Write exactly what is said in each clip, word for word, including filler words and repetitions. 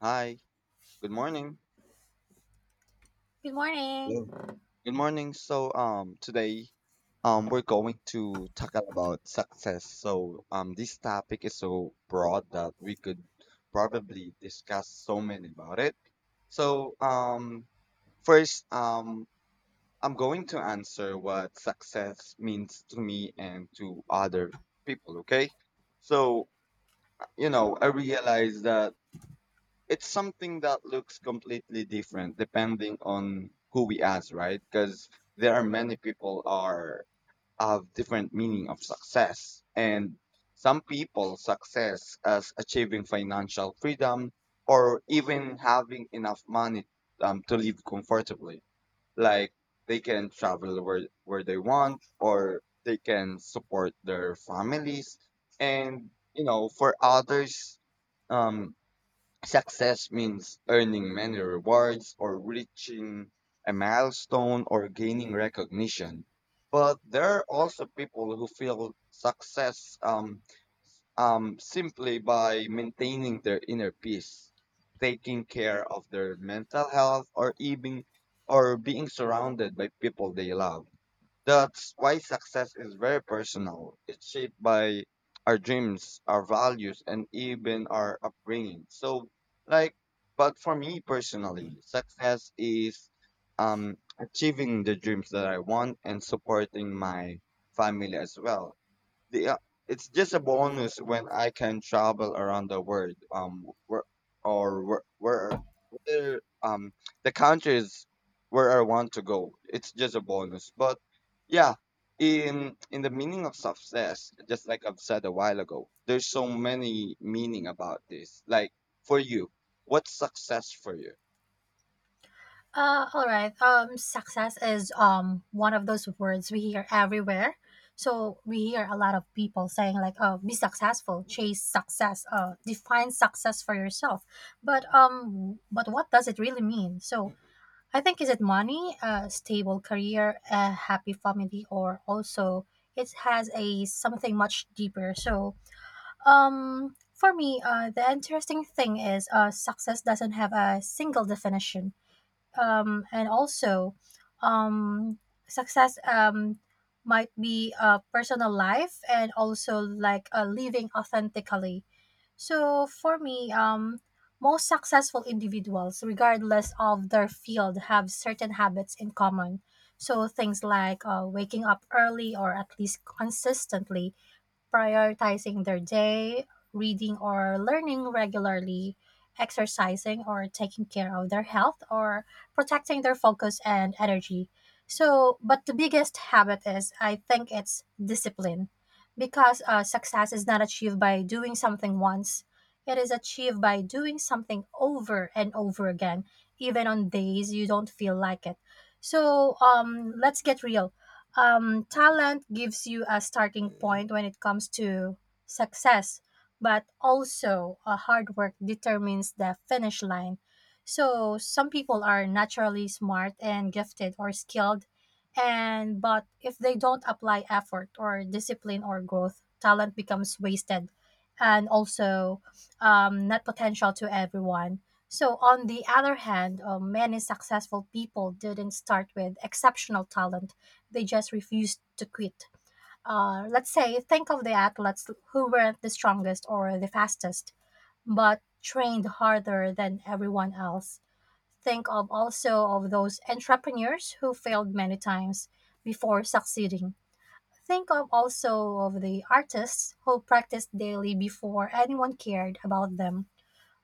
Hi, good morning. Good morning. Hello. Good morning. So, um, today, um, we're going to talk about success. So, um, this topic is so broad that we could probably discuss so many about it. So, um, first, um, I'm going to answer what success means to me and to other people, okay? So, you know, I realize that. It's something that looks completely different depending on who we ask, right? Because there are many people are have different meaning of success, and some people success as achieving financial freedom or even having enough money um, to live comfortably. Like they can travel where where they want, or they can support their families, and you know, for others, um, success means earning many rewards or reaching a milestone or gaining recognition. But there are also people who feel success um, um, simply by maintaining their inner peace, taking care of their mental health, or even or being surrounded by people they love. That's why success is very personal. It's shaped by our dreams, our values, and even our upbringing. So, like, but for me personally, success is um, achieving the dreams that I want and supporting my family as well the uh, it's just a bonus when I can travel around the world. Um, where, or where, where, where um the countries where I want to go. It's just a bonus. But yeah, in in the meaning of success, just like I've said a while ago, there's so many meaning about this. Like for you, what's success for you? Uh, all right. Um, success is um one of those words we hear everywhere. So we hear a lot of people saying like, "Oh, be successful, chase success, uh, define success for yourself." But um, but what does it really mean? So I think, is it money, a stable career, a happy family, or also it has a something much deeper. So um, for me, uh, the interesting thing is, uh, success doesn't have a single definition um, and also um, success um, might be a personal life and also like uh, living authentically. So for me um, most successful individuals, regardless of their field, have certain habits in common. So things like uh, waking up early or at least consistently, prioritizing their day, reading or learning regularly, exercising or taking care of their health, or protecting their focus and energy. So, but the biggest habit is, I think, it's discipline, because uh, success is not achieved by doing something once, it is achieved by doing something over and over again, even on days you don't feel like it. So, um, let's get real. Um, talent gives you a starting point when it comes to success, but also a hard work determines the finish line. So some people are naturally smart and gifted or skilled, and but if they don't apply effort or discipline or growth, talent becomes wasted, and also um, not potential to everyone. So, on the other hand, uh, many successful people didn't start with exceptional talent, they just refused to quit. Uh, let's say, think of the athletes who weren't the strongest or the fastest, but trained harder than everyone else. Think of also of those entrepreneurs who failed many times before succeeding. Think of also of the artists who practiced daily before anyone cared about them.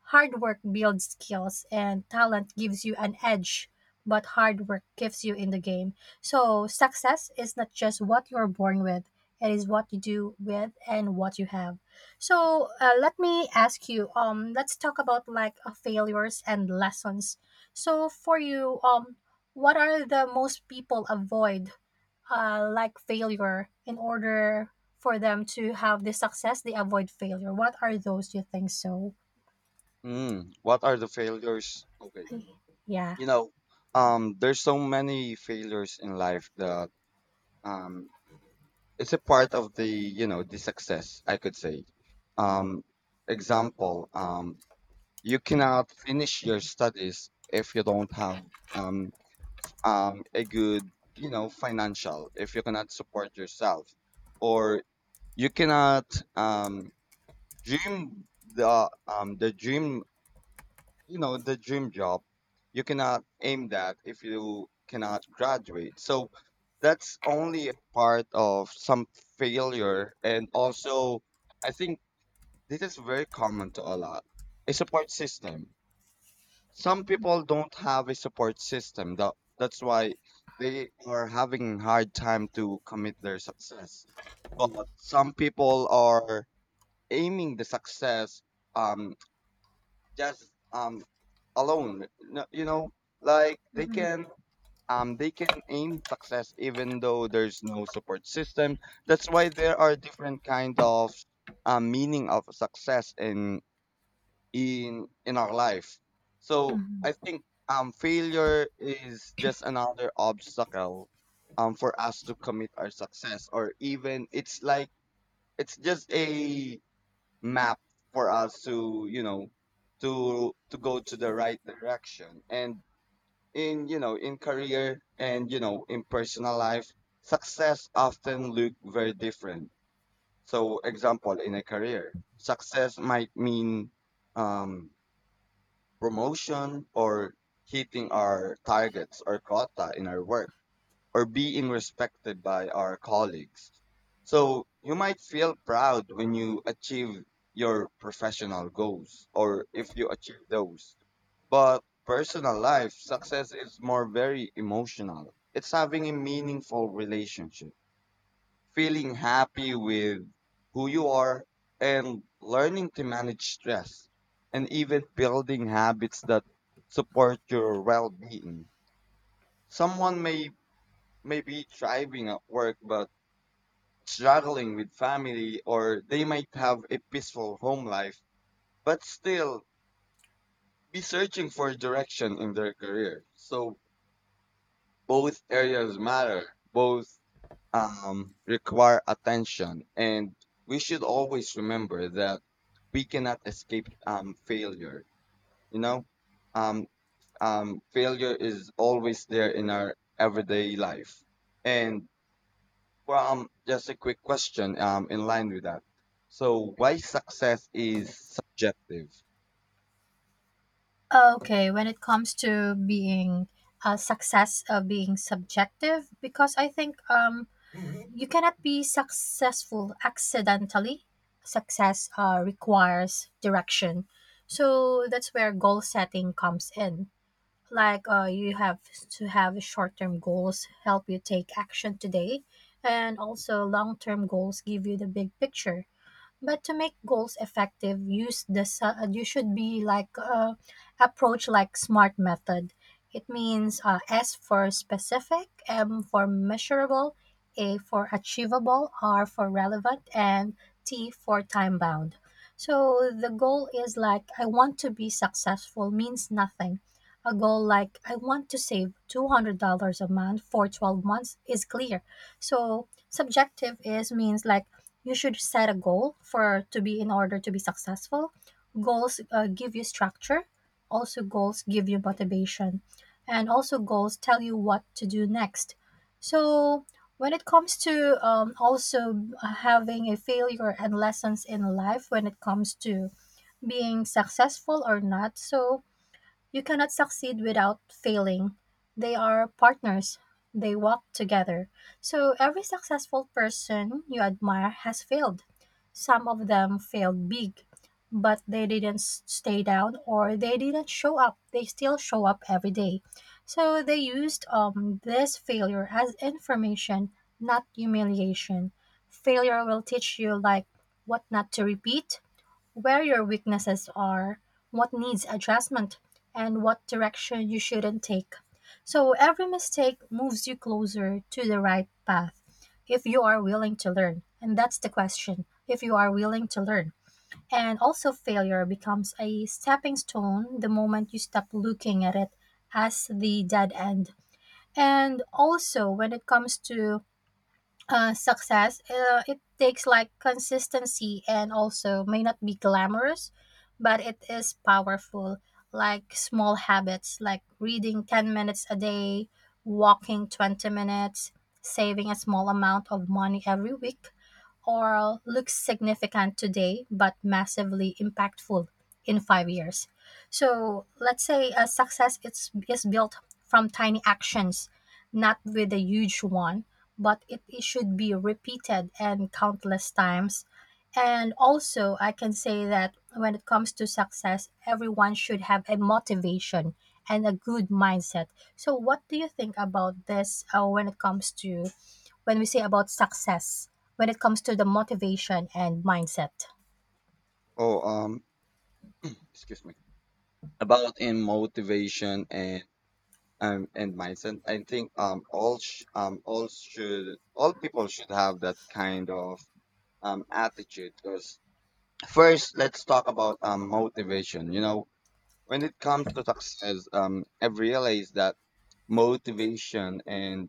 Hard work builds skills and talent gives you an edge, but hard work gives you in the game. So success is not just what you're born with, it is what you do with and what you have. So uh, let me ask you, um let's talk about like uh, failures and lessons. So for you, um what are the most people avoid, uh, like failure in order for them to have the success, they avoid failure, what are those, do you think so? Mm, what are the failures? Okay, Okay. Yeah. you know, um, there's so many failures in life that um it's a part of the you know the success I could say, um example, um you cannot finish your studies if you don't have um um a good you know financial, if you cannot support yourself, or you cannot um dream the um the dream, you know, the dream job, you cannot aim that if you cannot graduate. So that's only a part of some failure. And also, I think this is very common to a lot, a support system. Some people don't have a support system, that, that's why they are having hard time to commit their success. But some people are aiming the success um just um alone. No, you know, like they Mhm, can um they can aim success even though there's no support system. That's why there are different kind of um meaning of success in in in our life. So I mhm. think um failure is just another obstacle um for us to commit our success, or even it's like it's just a map for us to, you know, to to go to the right direction. And in, you know, in career and you know in personal life, success often look very different. So example, in a career, success might mean um, promotion or hitting our targets or quota in our work or being respected by our colleagues. So you might feel proud when you achieve your professional goals or if you achieve those. But personal life success is more very emotional. It's having a meaningful relationship, feeling happy with who you are and learning to manage stress and even building habits that support your well-being. Someone may may be thriving at work but struggling with family, or they might have a peaceful home life, but still be searching for direction in their career. So both areas matter, both um, require attention. And we should always remember that we cannot escape um, failure, you know? Um, um, failure is always there in our everyday life. And well, um, just a quick question, um, in line with that. So why success is subjective? Okay, when it comes to being uh, success, uh, being subjective, because I think um, you cannot be successful accidentally. Success uh, requires direction. So that's where goal setting comes in. Like uh, you have to have short term goals help you take action today, and also long term goals give you the big picture. But to make goals effective, use the su- uh, you should be like uh, approach like SMART method. It means uh, S for specific, M for measurable, A for achievable, R for relevant, and T for time bound. So the goal is like, I want to be successful, means nothing. A goal like, I want to save two hundred dollars a month for twelve months, is clear. So subjective is means like you should set a goal for to be in order to be successful. Goals uh, give you structure, also goals give you motivation, and also goals tell you what to do next. So when it comes to um, also having a failure and lessons in life, when it comes to being successful or not, so you cannot succeed without failing. They are partners. They walk together. So every successful person you admire has failed. Some of them failed big, but they didn't s- stay down or they didn't show up. They still show up every day. So they used um, this failure as information, not humiliation. Failure will teach you like what not to repeat, where your weaknesses are, what needs adjustment, and what direction you shouldn't take. So Mhm. every mistake moves you closer to the right path if you are willing to learn. And that's the question, if you are willing to learn. And also, failure becomes a stepping stone the moment you stop looking at it as the dead end. And also, when it comes to uh, success, uh, it takes like consistency and also may not be glamorous, but it is powerful. Like small habits, like reading ten minutes a day, walking twenty minutes, saving a small amount of money every week, or looks significant today but massively impactful in five years. So let's say a success is, is built from tiny actions, not with a huge one, but it, it should be repeated and countless times. And also, I can say that when it comes to success, everyone should have a motivation and a good mindset. So, what do you think about this, uh, when it comes to, when we say about success, when it comes to the motivation and mindset? Oh, um, excuse me. About in motivation and um and mindset, I think um all sh um all should all people should have that kind of um attitude. Because first, let's talk about um motivation. You know, when it comes to success, um, I've realized that motivation and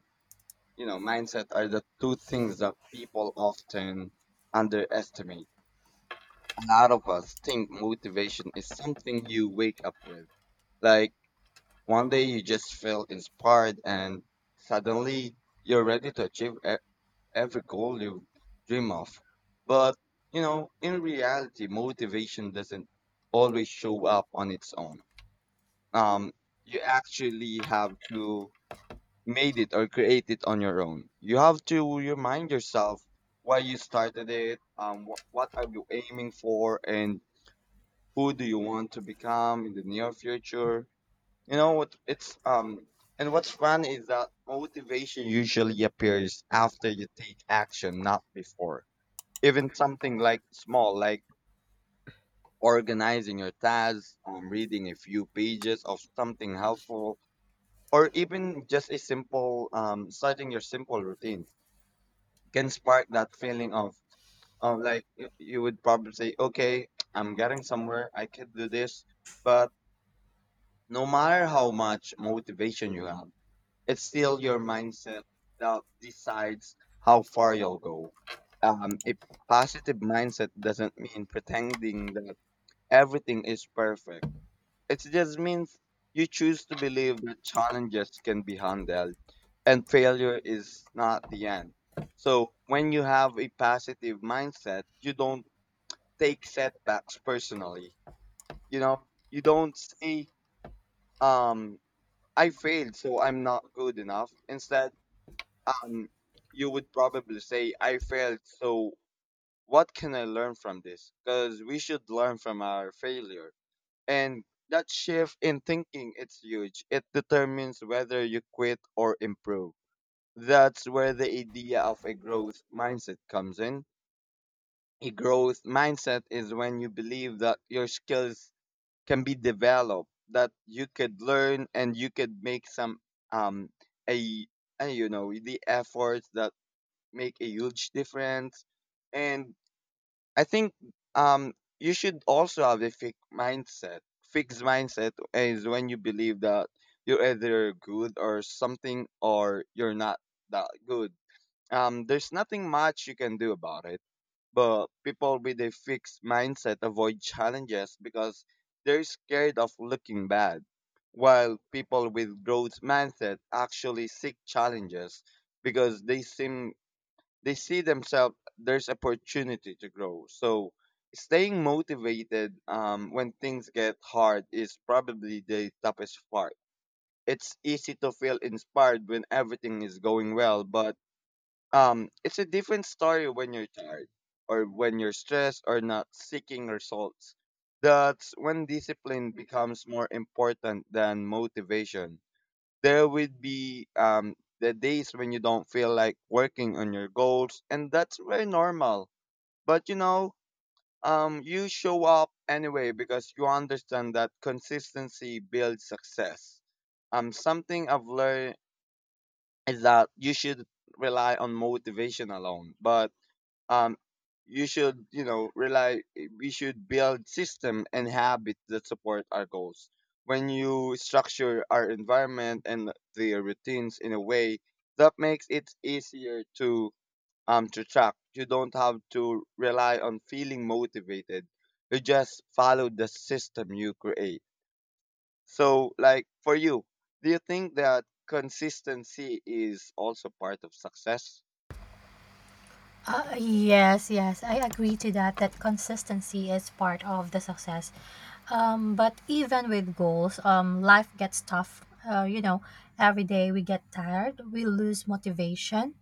you know mindset are the two things that people often underestimate. A lot of us think motivation is something you wake up with. Like one day you just feel inspired and suddenly you're ready to achieve e- every goal you dream of. But you know, in reality, motivation doesn't always show up on its own. um, you actually have to made it or create it on your own. You have to remind yourself why you started it, um, wh- what are you aiming for, and who do you want to become in the near future. You know what? It's um, And what's fun is that motivation usually appears after you take action, not before. Even something like small, like organizing your tasks, um, reading a few pages of something helpful, or even just a simple um, starting your simple routine, can spark that feeling of of like y- you would probably say, okay, I'm getting somewhere, I can do this. But no matter how much motivation you have, it's still your mindset that decides how far you'll go. Um, a positive mindset doesn't mean pretending that everything is perfect. It just means you choose to believe that challenges can be handled and failure is not the end. So when you have a positive mindset, you don't take setbacks personally. You know, you don't say, um, I failed, so I'm not good enough. Instead, um, you would probably say, I failed, so what can I learn from this? Because we should learn from our failure. And that shift in thinking, it's huge. It determines whether you quit or improve. That's where the idea of a growth mindset comes in. A growth mindset is when you believe that your skills can be developed, that you could learn and you could make some um a, a you know the efforts that make a huge difference. And I think um you should also have a fixed mindset. Fixed mindset is when you believe that you're either good or something or you're not that good. Um, there's nothing much you can do about it. But people with a fixed mindset avoid challenges because they're scared of looking bad. While people with growth mindset actually seek challenges because they seem they see themselves there's opportunity to grow. So staying motivated um, when things get hard is probably the toughest part. It's easy to feel inspired when everything is going well, but um, it's a different story when you're tired or when you're stressed or not seeking results. That's when discipline becomes more important than motivation. There would be um, the days when you don't feel like working on your goals, and that's very normal. But you know, um, you show up anyway because you understand that consistency builds success. Um, something I've learned is that you should rely on motivation alone, but um, you should you know rely, we should build system and habits that support our goals. When you structure our environment and the routines in a way that makes it easier to um to track, you don't have to rely on feeling motivated, you just follow the system you create. So like for you, do you think that consistency is also part of success Uh, yes, yes, I agree to that, that consistency is part of the success. Um, but even with goals, um, life gets tough. Uh, you know, every day we get tired, we lose motivation,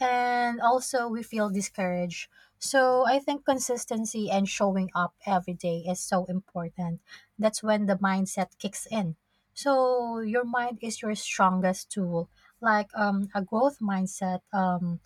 and also we feel discouraged. So I think consistency and showing up every day is so important. That's when the mindset kicks in. So your mind is your strongest tool. Like um, a growth mindset. Um,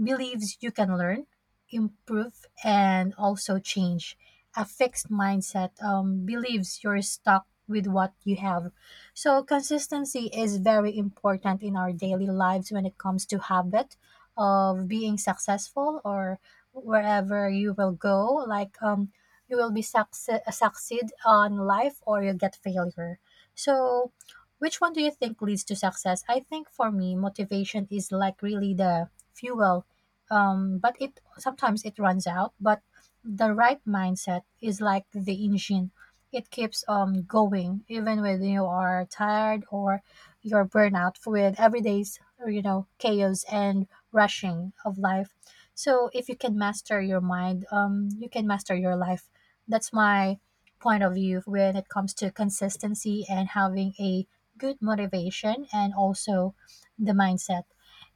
believes you can learn, improve, and also change. A fixed mindset um, believes you're stuck with what you have. So, consistency is very important in our daily lives when it comes to habit of being successful or wherever you will go. Like, um, you will be succe- succeed on life or you get failure. So, which one do you think leads to success? I think for me, motivation is like really the fuel um, but it sometimes it runs out. But the right mindset is like the engine; it keeps um going even when you are tired or you're burnout with everyday's you know chaos and rushing of life. So if you can master your mind, um, you can master your life. That's my point of view when it comes to consistency and having a good motivation and also the mindset.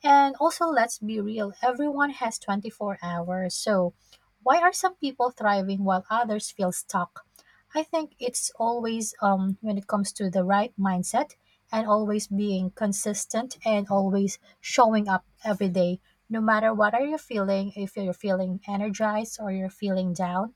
And also, let's be real, everyone has twenty-four hours. So, why are some people thriving while others feel stuck? I think it's always um, when it comes to the right mindset and always being consistent and always showing up every day. No matter what are you feeling, if you're feeling energized or you're feeling down,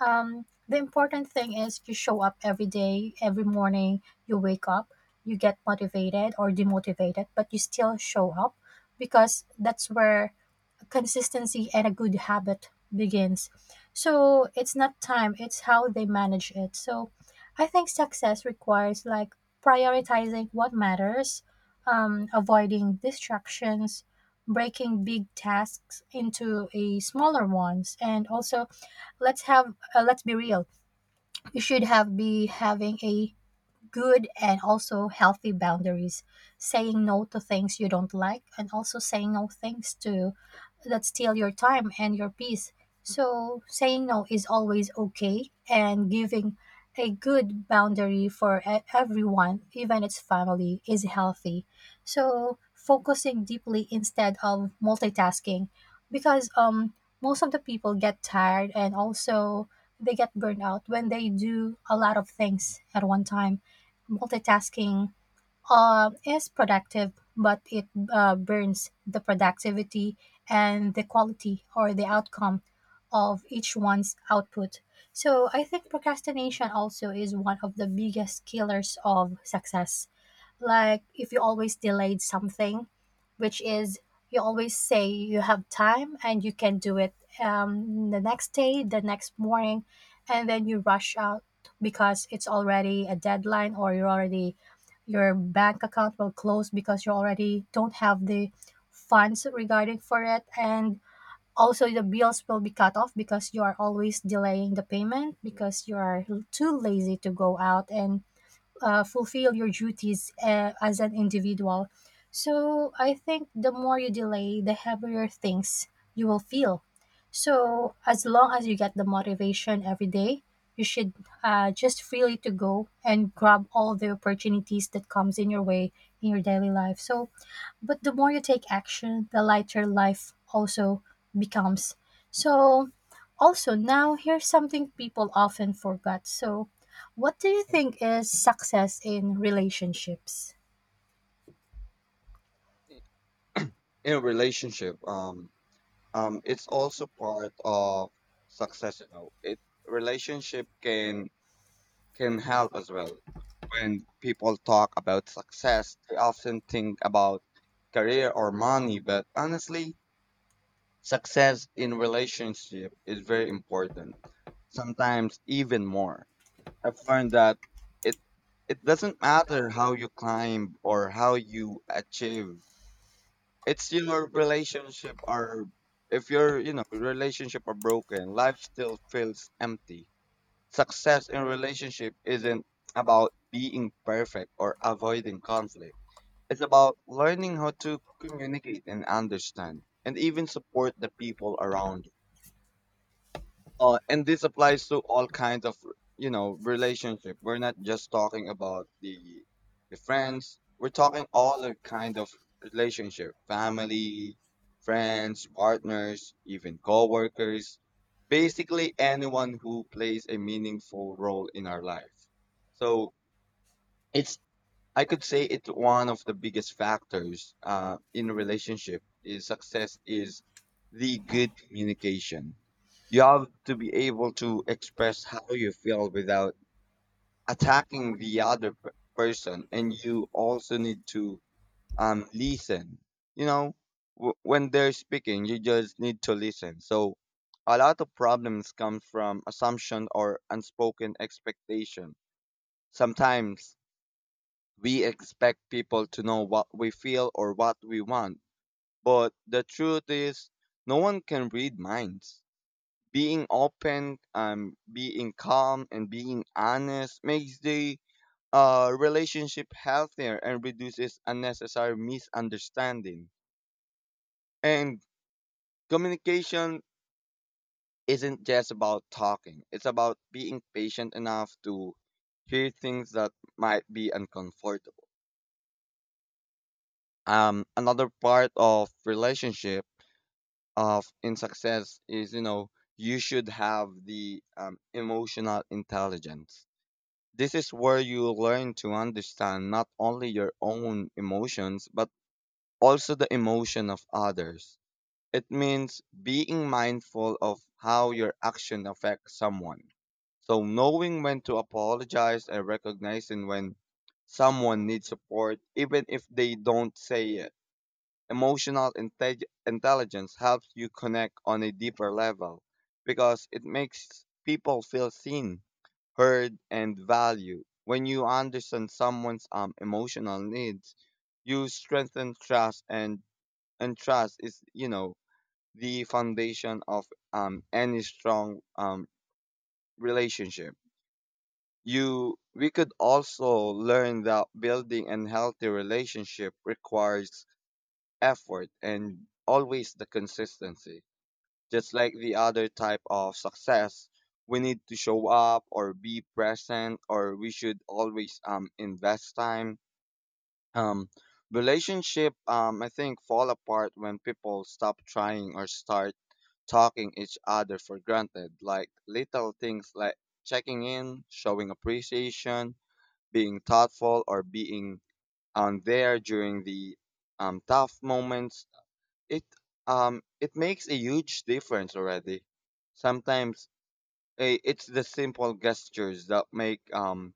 um, the important thing is you show up every day, every morning, you wake up, you get motivated or demotivated, but you still show up because that's where consistency and a good habit begins. So it's not time, it's how they manage it. So I think success requires like prioritizing what matters, um, avoiding distractions, breaking big tasks into a smaller ones, and also let's have uh, let's be real. You should have be having a good and also healthy boundaries, saying no to things you don't like and also saying no things to that steal your time and your peace. So saying no is always okay, and giving a good boundary for e- everyone, even its family, is healthy. So focusing deeply instead of multitasking, because um, most of the people get tired and also they get burned out when they do a lot of things at one time. Multitasking uh, is productive, but it uh, burns the productivity and the quality or the outcome of each one's output. So I think procrastination also is one of the biggest killers of success. Like if you always delayed something, which is you always say you have time and you can do it um, the next day, the next morning, and then you rush out because it's already a deadline or you're already your bank account will close because you already don't have the funds regarding for it, and also the bills will be cut off because you are always delaying the payment because you are too lazy to go out and uh, fulfill your duties uh, as an individual. So I think the more you delay, the heavier things you will feel. So as long as you get the motivation every day, you should uh, just freely to go and grab all the opportunities that comes in your way in your daily life. So but the more you take action, the lighter life also becomes. So, also, now here's something people often forget. So, what do you think is success in relationships? in a relationship? Um Um, it's also part of success. You know, it relationship can can help as well. When people talk about success, they often think about career or money, but honestly, success in relationship is very important. Sometimes even more. I've learned that it it doesn't matter how you climb or how you achieve, it's your relationship are, if your you know relationship are broken, life still feels empty. Success in relationship isn't about being perfect or avoiding conflict. It's about learning how to communicate and understand and even support the people around you. Uh, and this applies to all kinds of you know relationship, we're not just talking about the the friends, we're talking all the kind of relationship, family, friends, partners, even coworkers, basically anyone who plays a meaningful role in our life. So it's, I could say it's one of the biggest factors uh, in a relationship is success is the good communication. You have to be able to express how you feel without attacking the other p- person, and you also need to um, listen. You know, w- when they're speaking, you just need to listen. So, a lot of problems come from assumption or unspoken expectation. Sometimes we expect people to know what we feel or what we want, but the truth is, no one can read minds. Being open, um, being calm, and being honest makes the uh, relationship healthier and reduces unnecessary misunderstanding. And communication isn't just about talking, it's about being patient enough to hear things that might be uncomfortable. Um, another part of relationship of in success is you know you should have the um, emotional intelligence. This is where you learn to understand not only your own emotions but also the emotion of others. It means being mindful of how your action affects someone, so knowing when to apologize and recognizing when someone needs support even if they don't say it. Emotional inte- intelligence helps you connect on a deeper level because it makes people feel seen, heard, and valued. When you understand someone's um, emotional needs, you strengthen trust, and and trust is you know the foundation of um, any strong um, relationship. You we could also learn that building a healthy relationship requires effort and always the consistency. Just like the other type of success, we need to show up or be present, or we should always um invest time. Um, Relationship, um I think, fall apart when people stop trying or start talking each other for granted. Like little things like checking in, showing appreciation, being thoughtful, or being on there during the um, tough moments it um it makes a huge difference already. Sometimes eh, it's the simple gestures that make um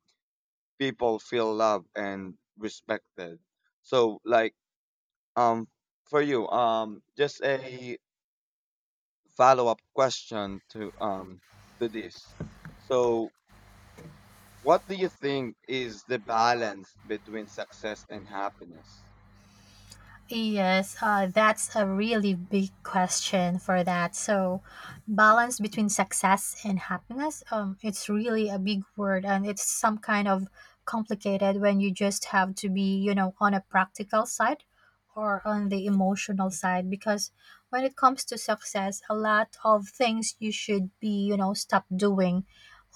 people feel loved and respected. So, like um for you um just a follow up question to um to this. So, what do you think is the balance between success and happiness? Yes, uh, that's a really big question for that. So, balance between success and happiness, um, it's really a big word and it's some kind of complicated when you just have to be, you know, on a practical side or on the emotional side because when it comes to success, a lot of things you should be, you know, stop doing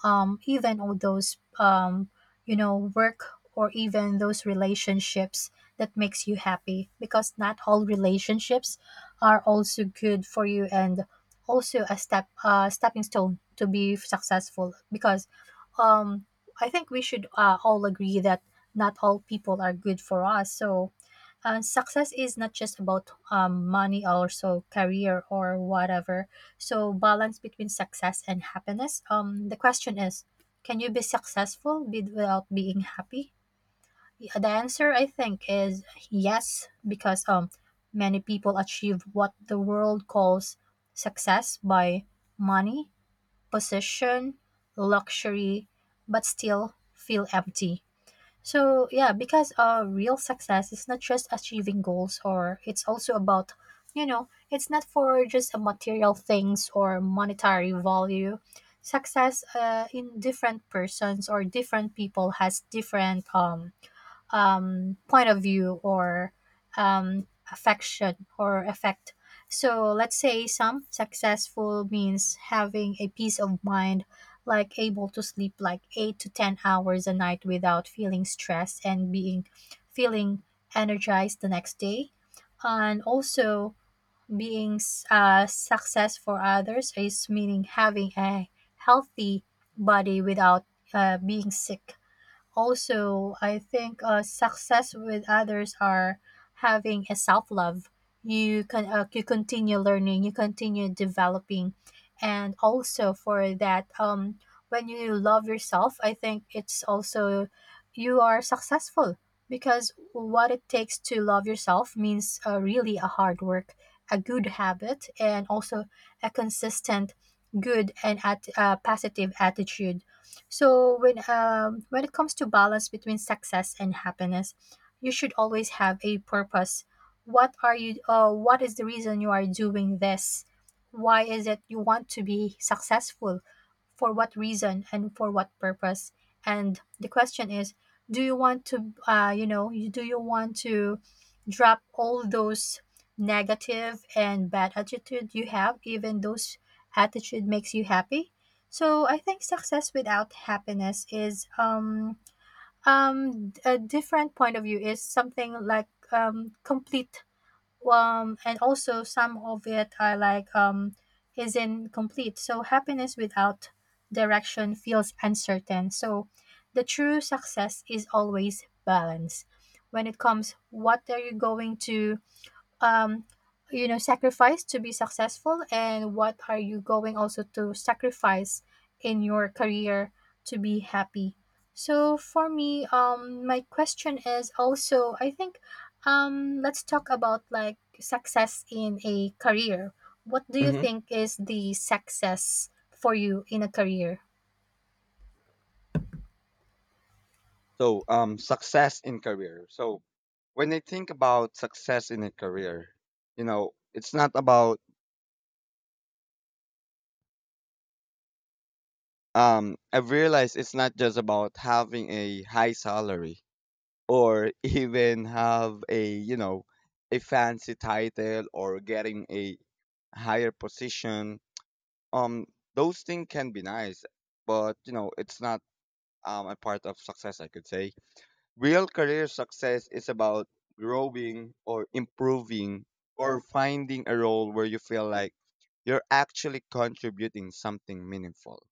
um, even all those um, you know work or even those relationships that makes you happy because not all relationships are also good for you and also a step uh, stepping stone to be successful because um, I think we should uh, all agree that not all people are good for us. So uh, success is not just about um, money, also career or whatever. So balance between success and happiness. Um, the question is, can you be successful be- without being happy? Yeah. The answer I think is yes, because um, many people achieve what the world calls success by money, position, luxury, but still feel empty. So yeah, because uh, real success is not just achieving goals, or it's also about, you know, it's not for just a material things or monetary value. Success uh, in different persons or different people has different um um, point of view or um, affection or effect. So let's say some successful means having a peace of mind, like able to sleep like eight to ten hours a night without feeling stressed and being feeling energized the next day, and also being s- uh, success for others is meaning having a healthy body without uh, being sick. Also I think uh, success with others are having a self-love. You can uh, you continue learning, you continue developing, and also for that um, when you love yourself, I think it's also you are successful, because what it takes to love yourself means uh, really a hard work, a good habit, and also a consistent good and at uh, positive attitude. So when um, when it comes to balance between success and happiness, you should always have a purpose. What are you? Uh, what is the reason you are doing this? Why is it you want to be successful? For what reason and for what purpose? And the question is, do you want to? Uh, you know, you- do you want to drop all those negative and bad attitude you have? Even those attitude makes you happy. So I think success without happiness is um um, a different point of view, is something like um, complete um, and also some of it are like um, is incomplete. So happiness without direction feels uncertain. So the true success is always balance. When it comes, what are you going to um, you know, sacrifice to be successful, and what are you going also to sacrifice in your career to be happy? So for me, um, my question is also, I think, um, let's talk about like success in a career. What do you think is the success for you in a career? So, um, success in career. So, when I think about success in a career, you know, it's not about, um, I've realized it's not just about having a high salary or even have a, you know, a fancy title or getting a higher position. Um, those things can be nice, but, you know, it's not, um, a part of success, I could say. Real career success is about growing or improving or finding a role where you feel like you're actually contributing something meaningful.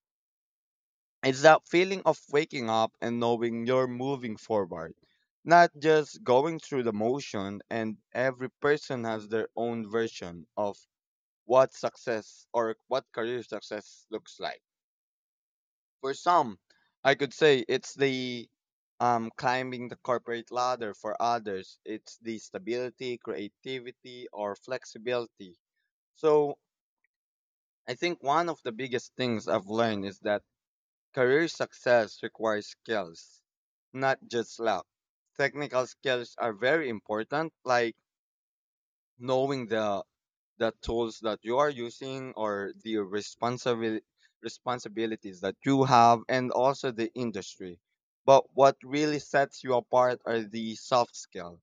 It's that feeling of waking up and knowing you're moving forward, not just going through the motion, and every person has their own version of what success or what career success looks like. For some, I could say it's the um, climbing the corporate ladder. For others, it's the stability, creativity, or flexibility. So, I think one of the biggest things I've learned is that career success requires skills, not just luck. Technical skills are very important, like knowing the the tools that you are using or the responsibil responsibilities that you have and also the industry. But what really sets you apart are the soft skills.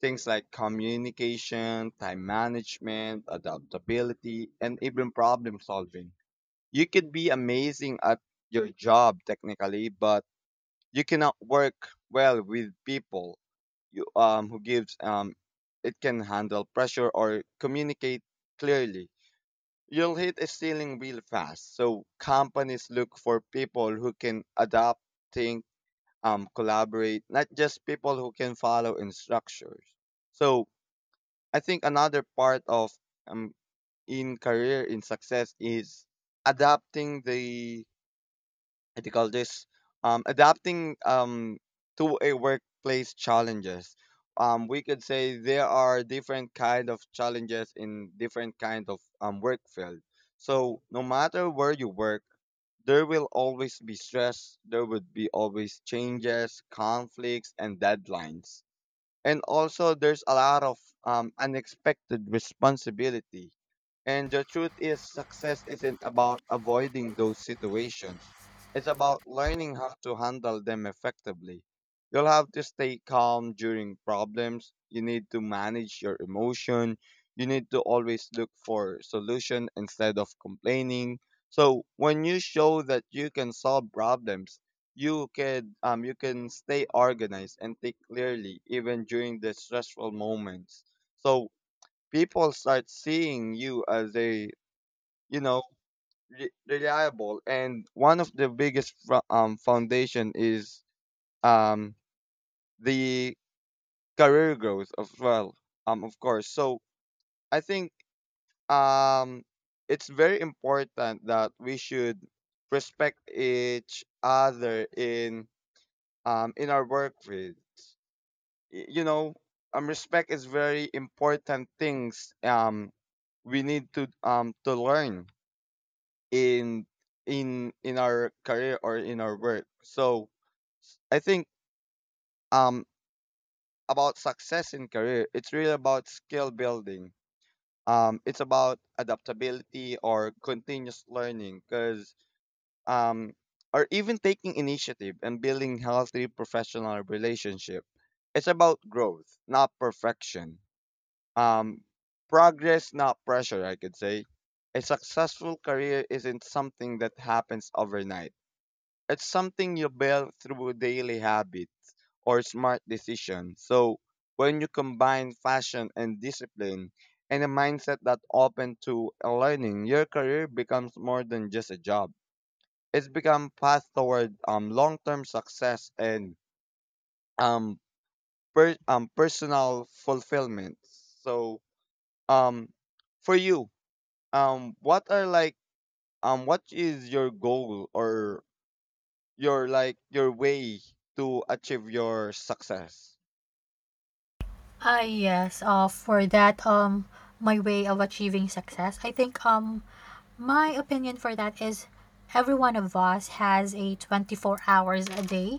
Things like communication, time management, adaptability, and even problem solving. You could be amazing at your job technically, but you cannot work well with people you, um, who gives um, it can handle pressure or communicate clearly. You'll hit a ceiling real fast. So companies look for people who can adapt, think, um, collaborate, not just people who can follow instructions. So, I think another part of um, in career in success is adapting the, what do you call this, um, adapting um, to a workplace challenges. Um, we could say there are different kind of challenges in different kind of um, work field, so no matter where you work, there will always be stress, there would be always changes, conflicts, and deadlines, and also there's a lot of um, unexpected responsibility. And the truth is, success isn't about avoiding those situations. It's about learning how to handle them effectively. You'll have to stay calm during problems. You need to manage your emotion. You need to always look for solution instead of complaining. So when you show that you can solve problems, you can um, you can stay organized and think clearly even during the stressful moments. So people start seeing you as a, you know, re- reliable, and one of the biggest fo- um foundation is um the career growth as well, um of course. So I think, um it's very important that we should respect each other in um in our work with. Y- you know, um respect is very important things. Um we need to um to learn in in in our career or in our work. So I think, um about success in career, it's really about skill building. Um it's about adaptability or continuous learning, because, um or even taking initiative and building healthy professional relationship. It's about growth, not perfection, um progress, not pressure, I could say. A successful career isn't something that happens overnight. It's something you build through daily habit or smart decision. So when you combine fashion and discipline and a mindset that open to learning, your career becomes more than just a job. It's become path toward um long-term success and um per- um personal fulfillment. So, um for you, um what are like, um what is your goal or your, like, your way to achieve your success? Ah, yes. Uh, for that, um, my way of achieving success, I think, um, my opinion for that is every one of us has a twenty-four hours a day.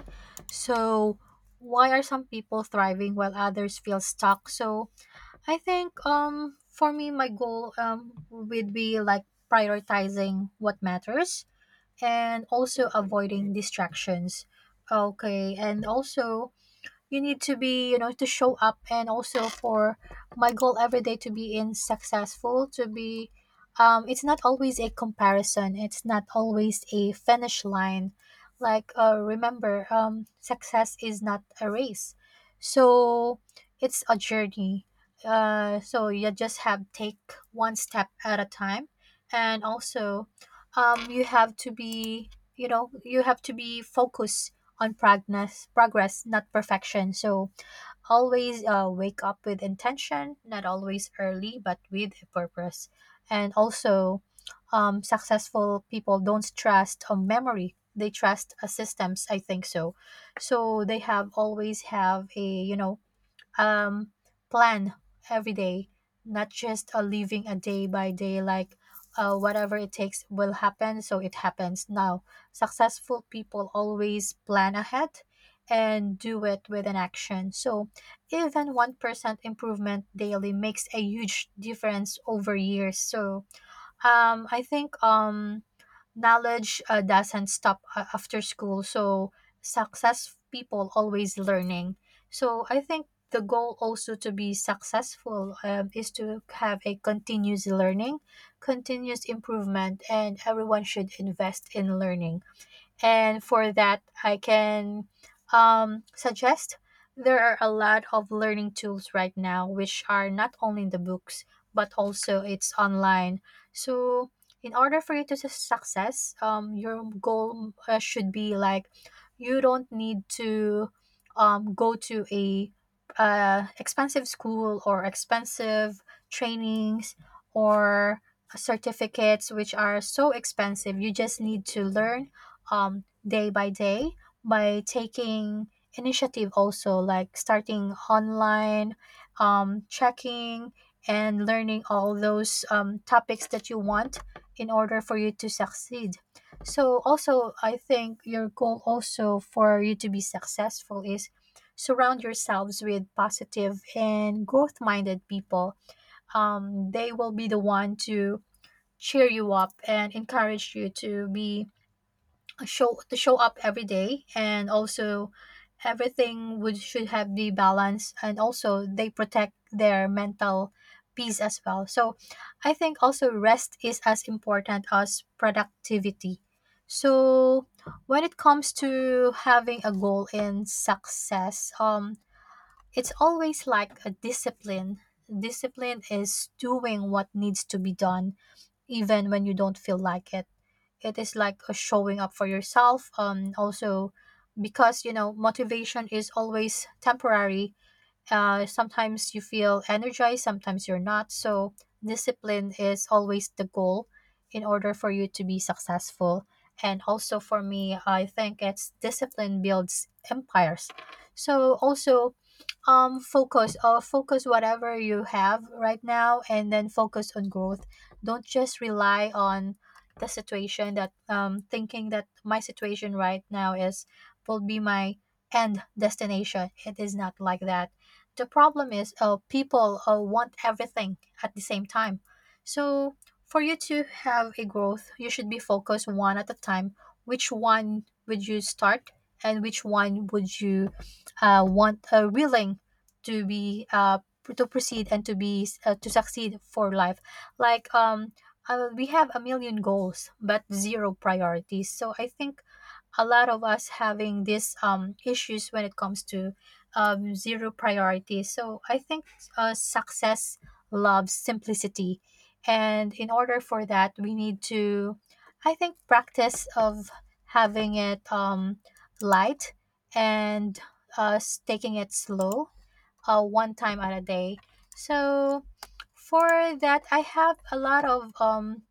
So, why are some people thriving while others feel stuck? So, I think, um, for me, my goal, um, would be like prioritizing what matters and also avoiding distractions. Okay, and also you need to be, you know, to show up, and also for my goal every day to be in successful to be um, it's not always a comparison, it's not always a finish line, like uh, remember, um, success is not a race, so it's a journey. Uh, so you just have take one step at a time, and also um, you have to be, you know, you have to be focused on progress progress, not perfection. So always uh, wake up with intention, not always early but with a purpose. And also um, successful people don't trust a memory, they trust a systems, I think. So so they have always have a, you know, um, plan every day, not just uh, living a day by day, like uh, whatever it takes will happen, so it happens. Now, successful people always plan ahead and do it with an action. So, even one percent improvement daily makes a huge difference over years. So, um, I think um, knowledge uh, doesn't stop uh, after school. So success people always learning. So I think the goal also to be successful um, is to have a continuous learning, continuous improvement, and everyone should invest in learning. And for that, I can um, suggest there are a lot of learning tools right now, which are not only in the books, but also it's online. So, in order for you to su- success, um, your goal uh, should be like you don't need to um, go to a uh, expensive school or expensive trainings or certificates which are so expensive. You just need to learn um, day by day, by taking initiative, also like starting online, um, checking and learning all those um, topics that you want in order for you to succeed. So also I think your goal also for you to be successful is surround yourselves with positive and growth minded people. Um, they will be the one to cheer you up and encourage you to be show to show up every day. And also everything would should have be balanced, and also they protect their mental peace as well. So I think also rest is as important as productivity. So when it comes to having a goal in success um, it's always like a discipline. Discipline is doing what needs to be done even when you don't feel like it. It is like a showing up for yourself um, also, because you know motivation is always temporary. Uh, sometimes you feel energized, sometimes you're not. So discipline is always the goal in order for you to be successful. And also for me, I think it's discipline builds empires. So also um, focus or focus whatever you have right now and then focus on growth. Don't just rely on the situation that um, thinking that my situation right now is will be my end destination. It is not like that. The problem is uh, people uh, want everything at the same time. So for you to have a growth, you should be focused one at a time. Which one would you start, and which one would you uh, want, uh, willing to be uh to proceed and to be uh, to succeed for life? Like um, uh, we have a million goals but zero priorities. So I think a lot of us having these um, issues when it comes to um, zero priorities. So I think uh, success loves simplicity, and in order for that we need to, I think, practice of having it um, light and uh, s- taking it slow uh, one time at a day. So for that, I have a lot of um,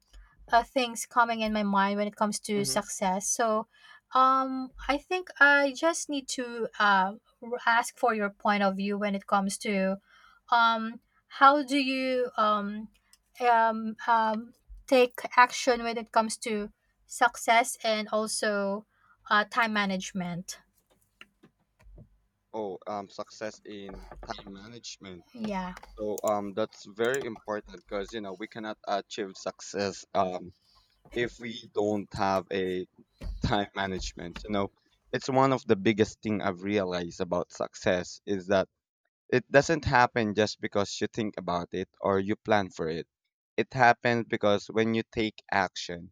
uh, things coming in my mind when it comes to Hmm. success. So um, I think I just need to uh, r- ask for your point of view when it comes to um, how do you um, um, um, take action when it comes to success and also uh, time management. Oh, um, success in time management. Yeah. So, um, that's very important because you know we cannot achieve success um if we don't have a time management. You know, it's one of the biggest thing I've realized about success is that it doesn't happen just because you think about it or you plan for it. It happens because when you take action.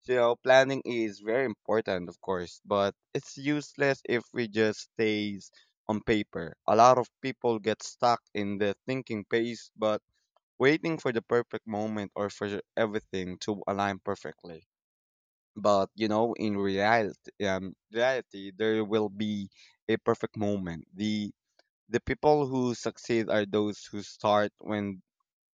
So, you know, planning is very important, of course, but it's useless if we just stays on paper. A lot of people get stuck in the thinking phase, but waiting for the perfect moment or for everything to align perfectly. But you know, in reality, um, reality, there will be a perfect moment. The the people who succeed are those who start when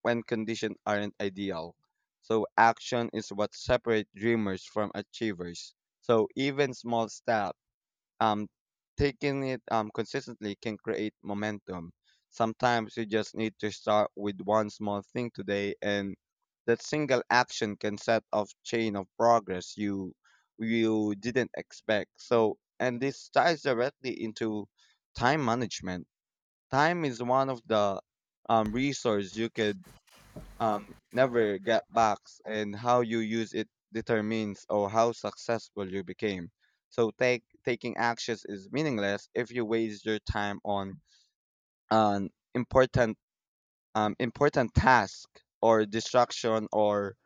when conditions aren't ideal. So action is what separates dreamers from achievers. So even small step, um, taking it um consistently can create momentum. Sometimes you just need to start with one small thing today, and that single action can set off chain of progress you you didn't expect. So, and this ties directly into time management. Time is one of the um, resource you could um, never get back, and how you use it determines or how successful you became. So take taking actions is meaningless if you waste your time on an important um, important task or distraction or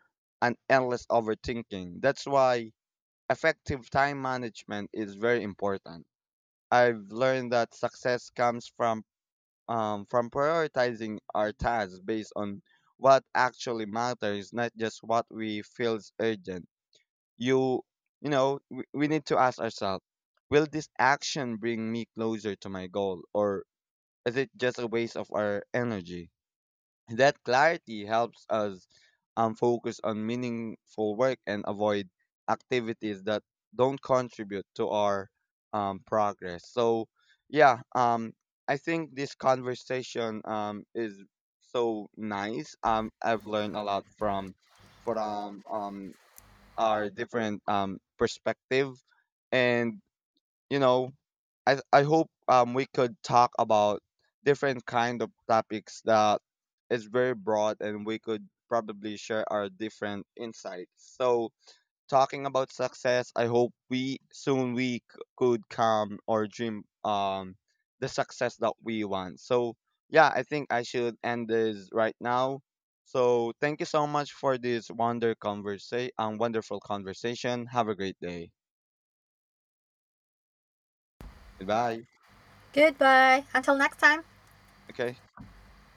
an endless overthinking. That's why effective time management is very important. I've learned that success comes from um, from prioritizing our tasks based on what actually matters, not just what we feel is urgent. You, you know, we, we need to ask ourselves, will this action bring me closer to my goal, or is it just a waste of our energy? That clarity helps us um, focus on meaningful work and avoid activities that don't contribute to our um, progress. So, yeah, um, I think this conversation um, is so nice. Um, I've learned a lot from from um, our different um, perspective, and you know, I I hope um we could talk about different kind of topics that is very broad and we could probably share our different insights. So talking about success, I hope we soon we c- could come or dream um the success that we want. So yeah, I think I should end this right now. So thank you so much for this wonder conversa- um, wonderful conversation. Have a great day. Goodbye. Goodbye. Until next time. Okay.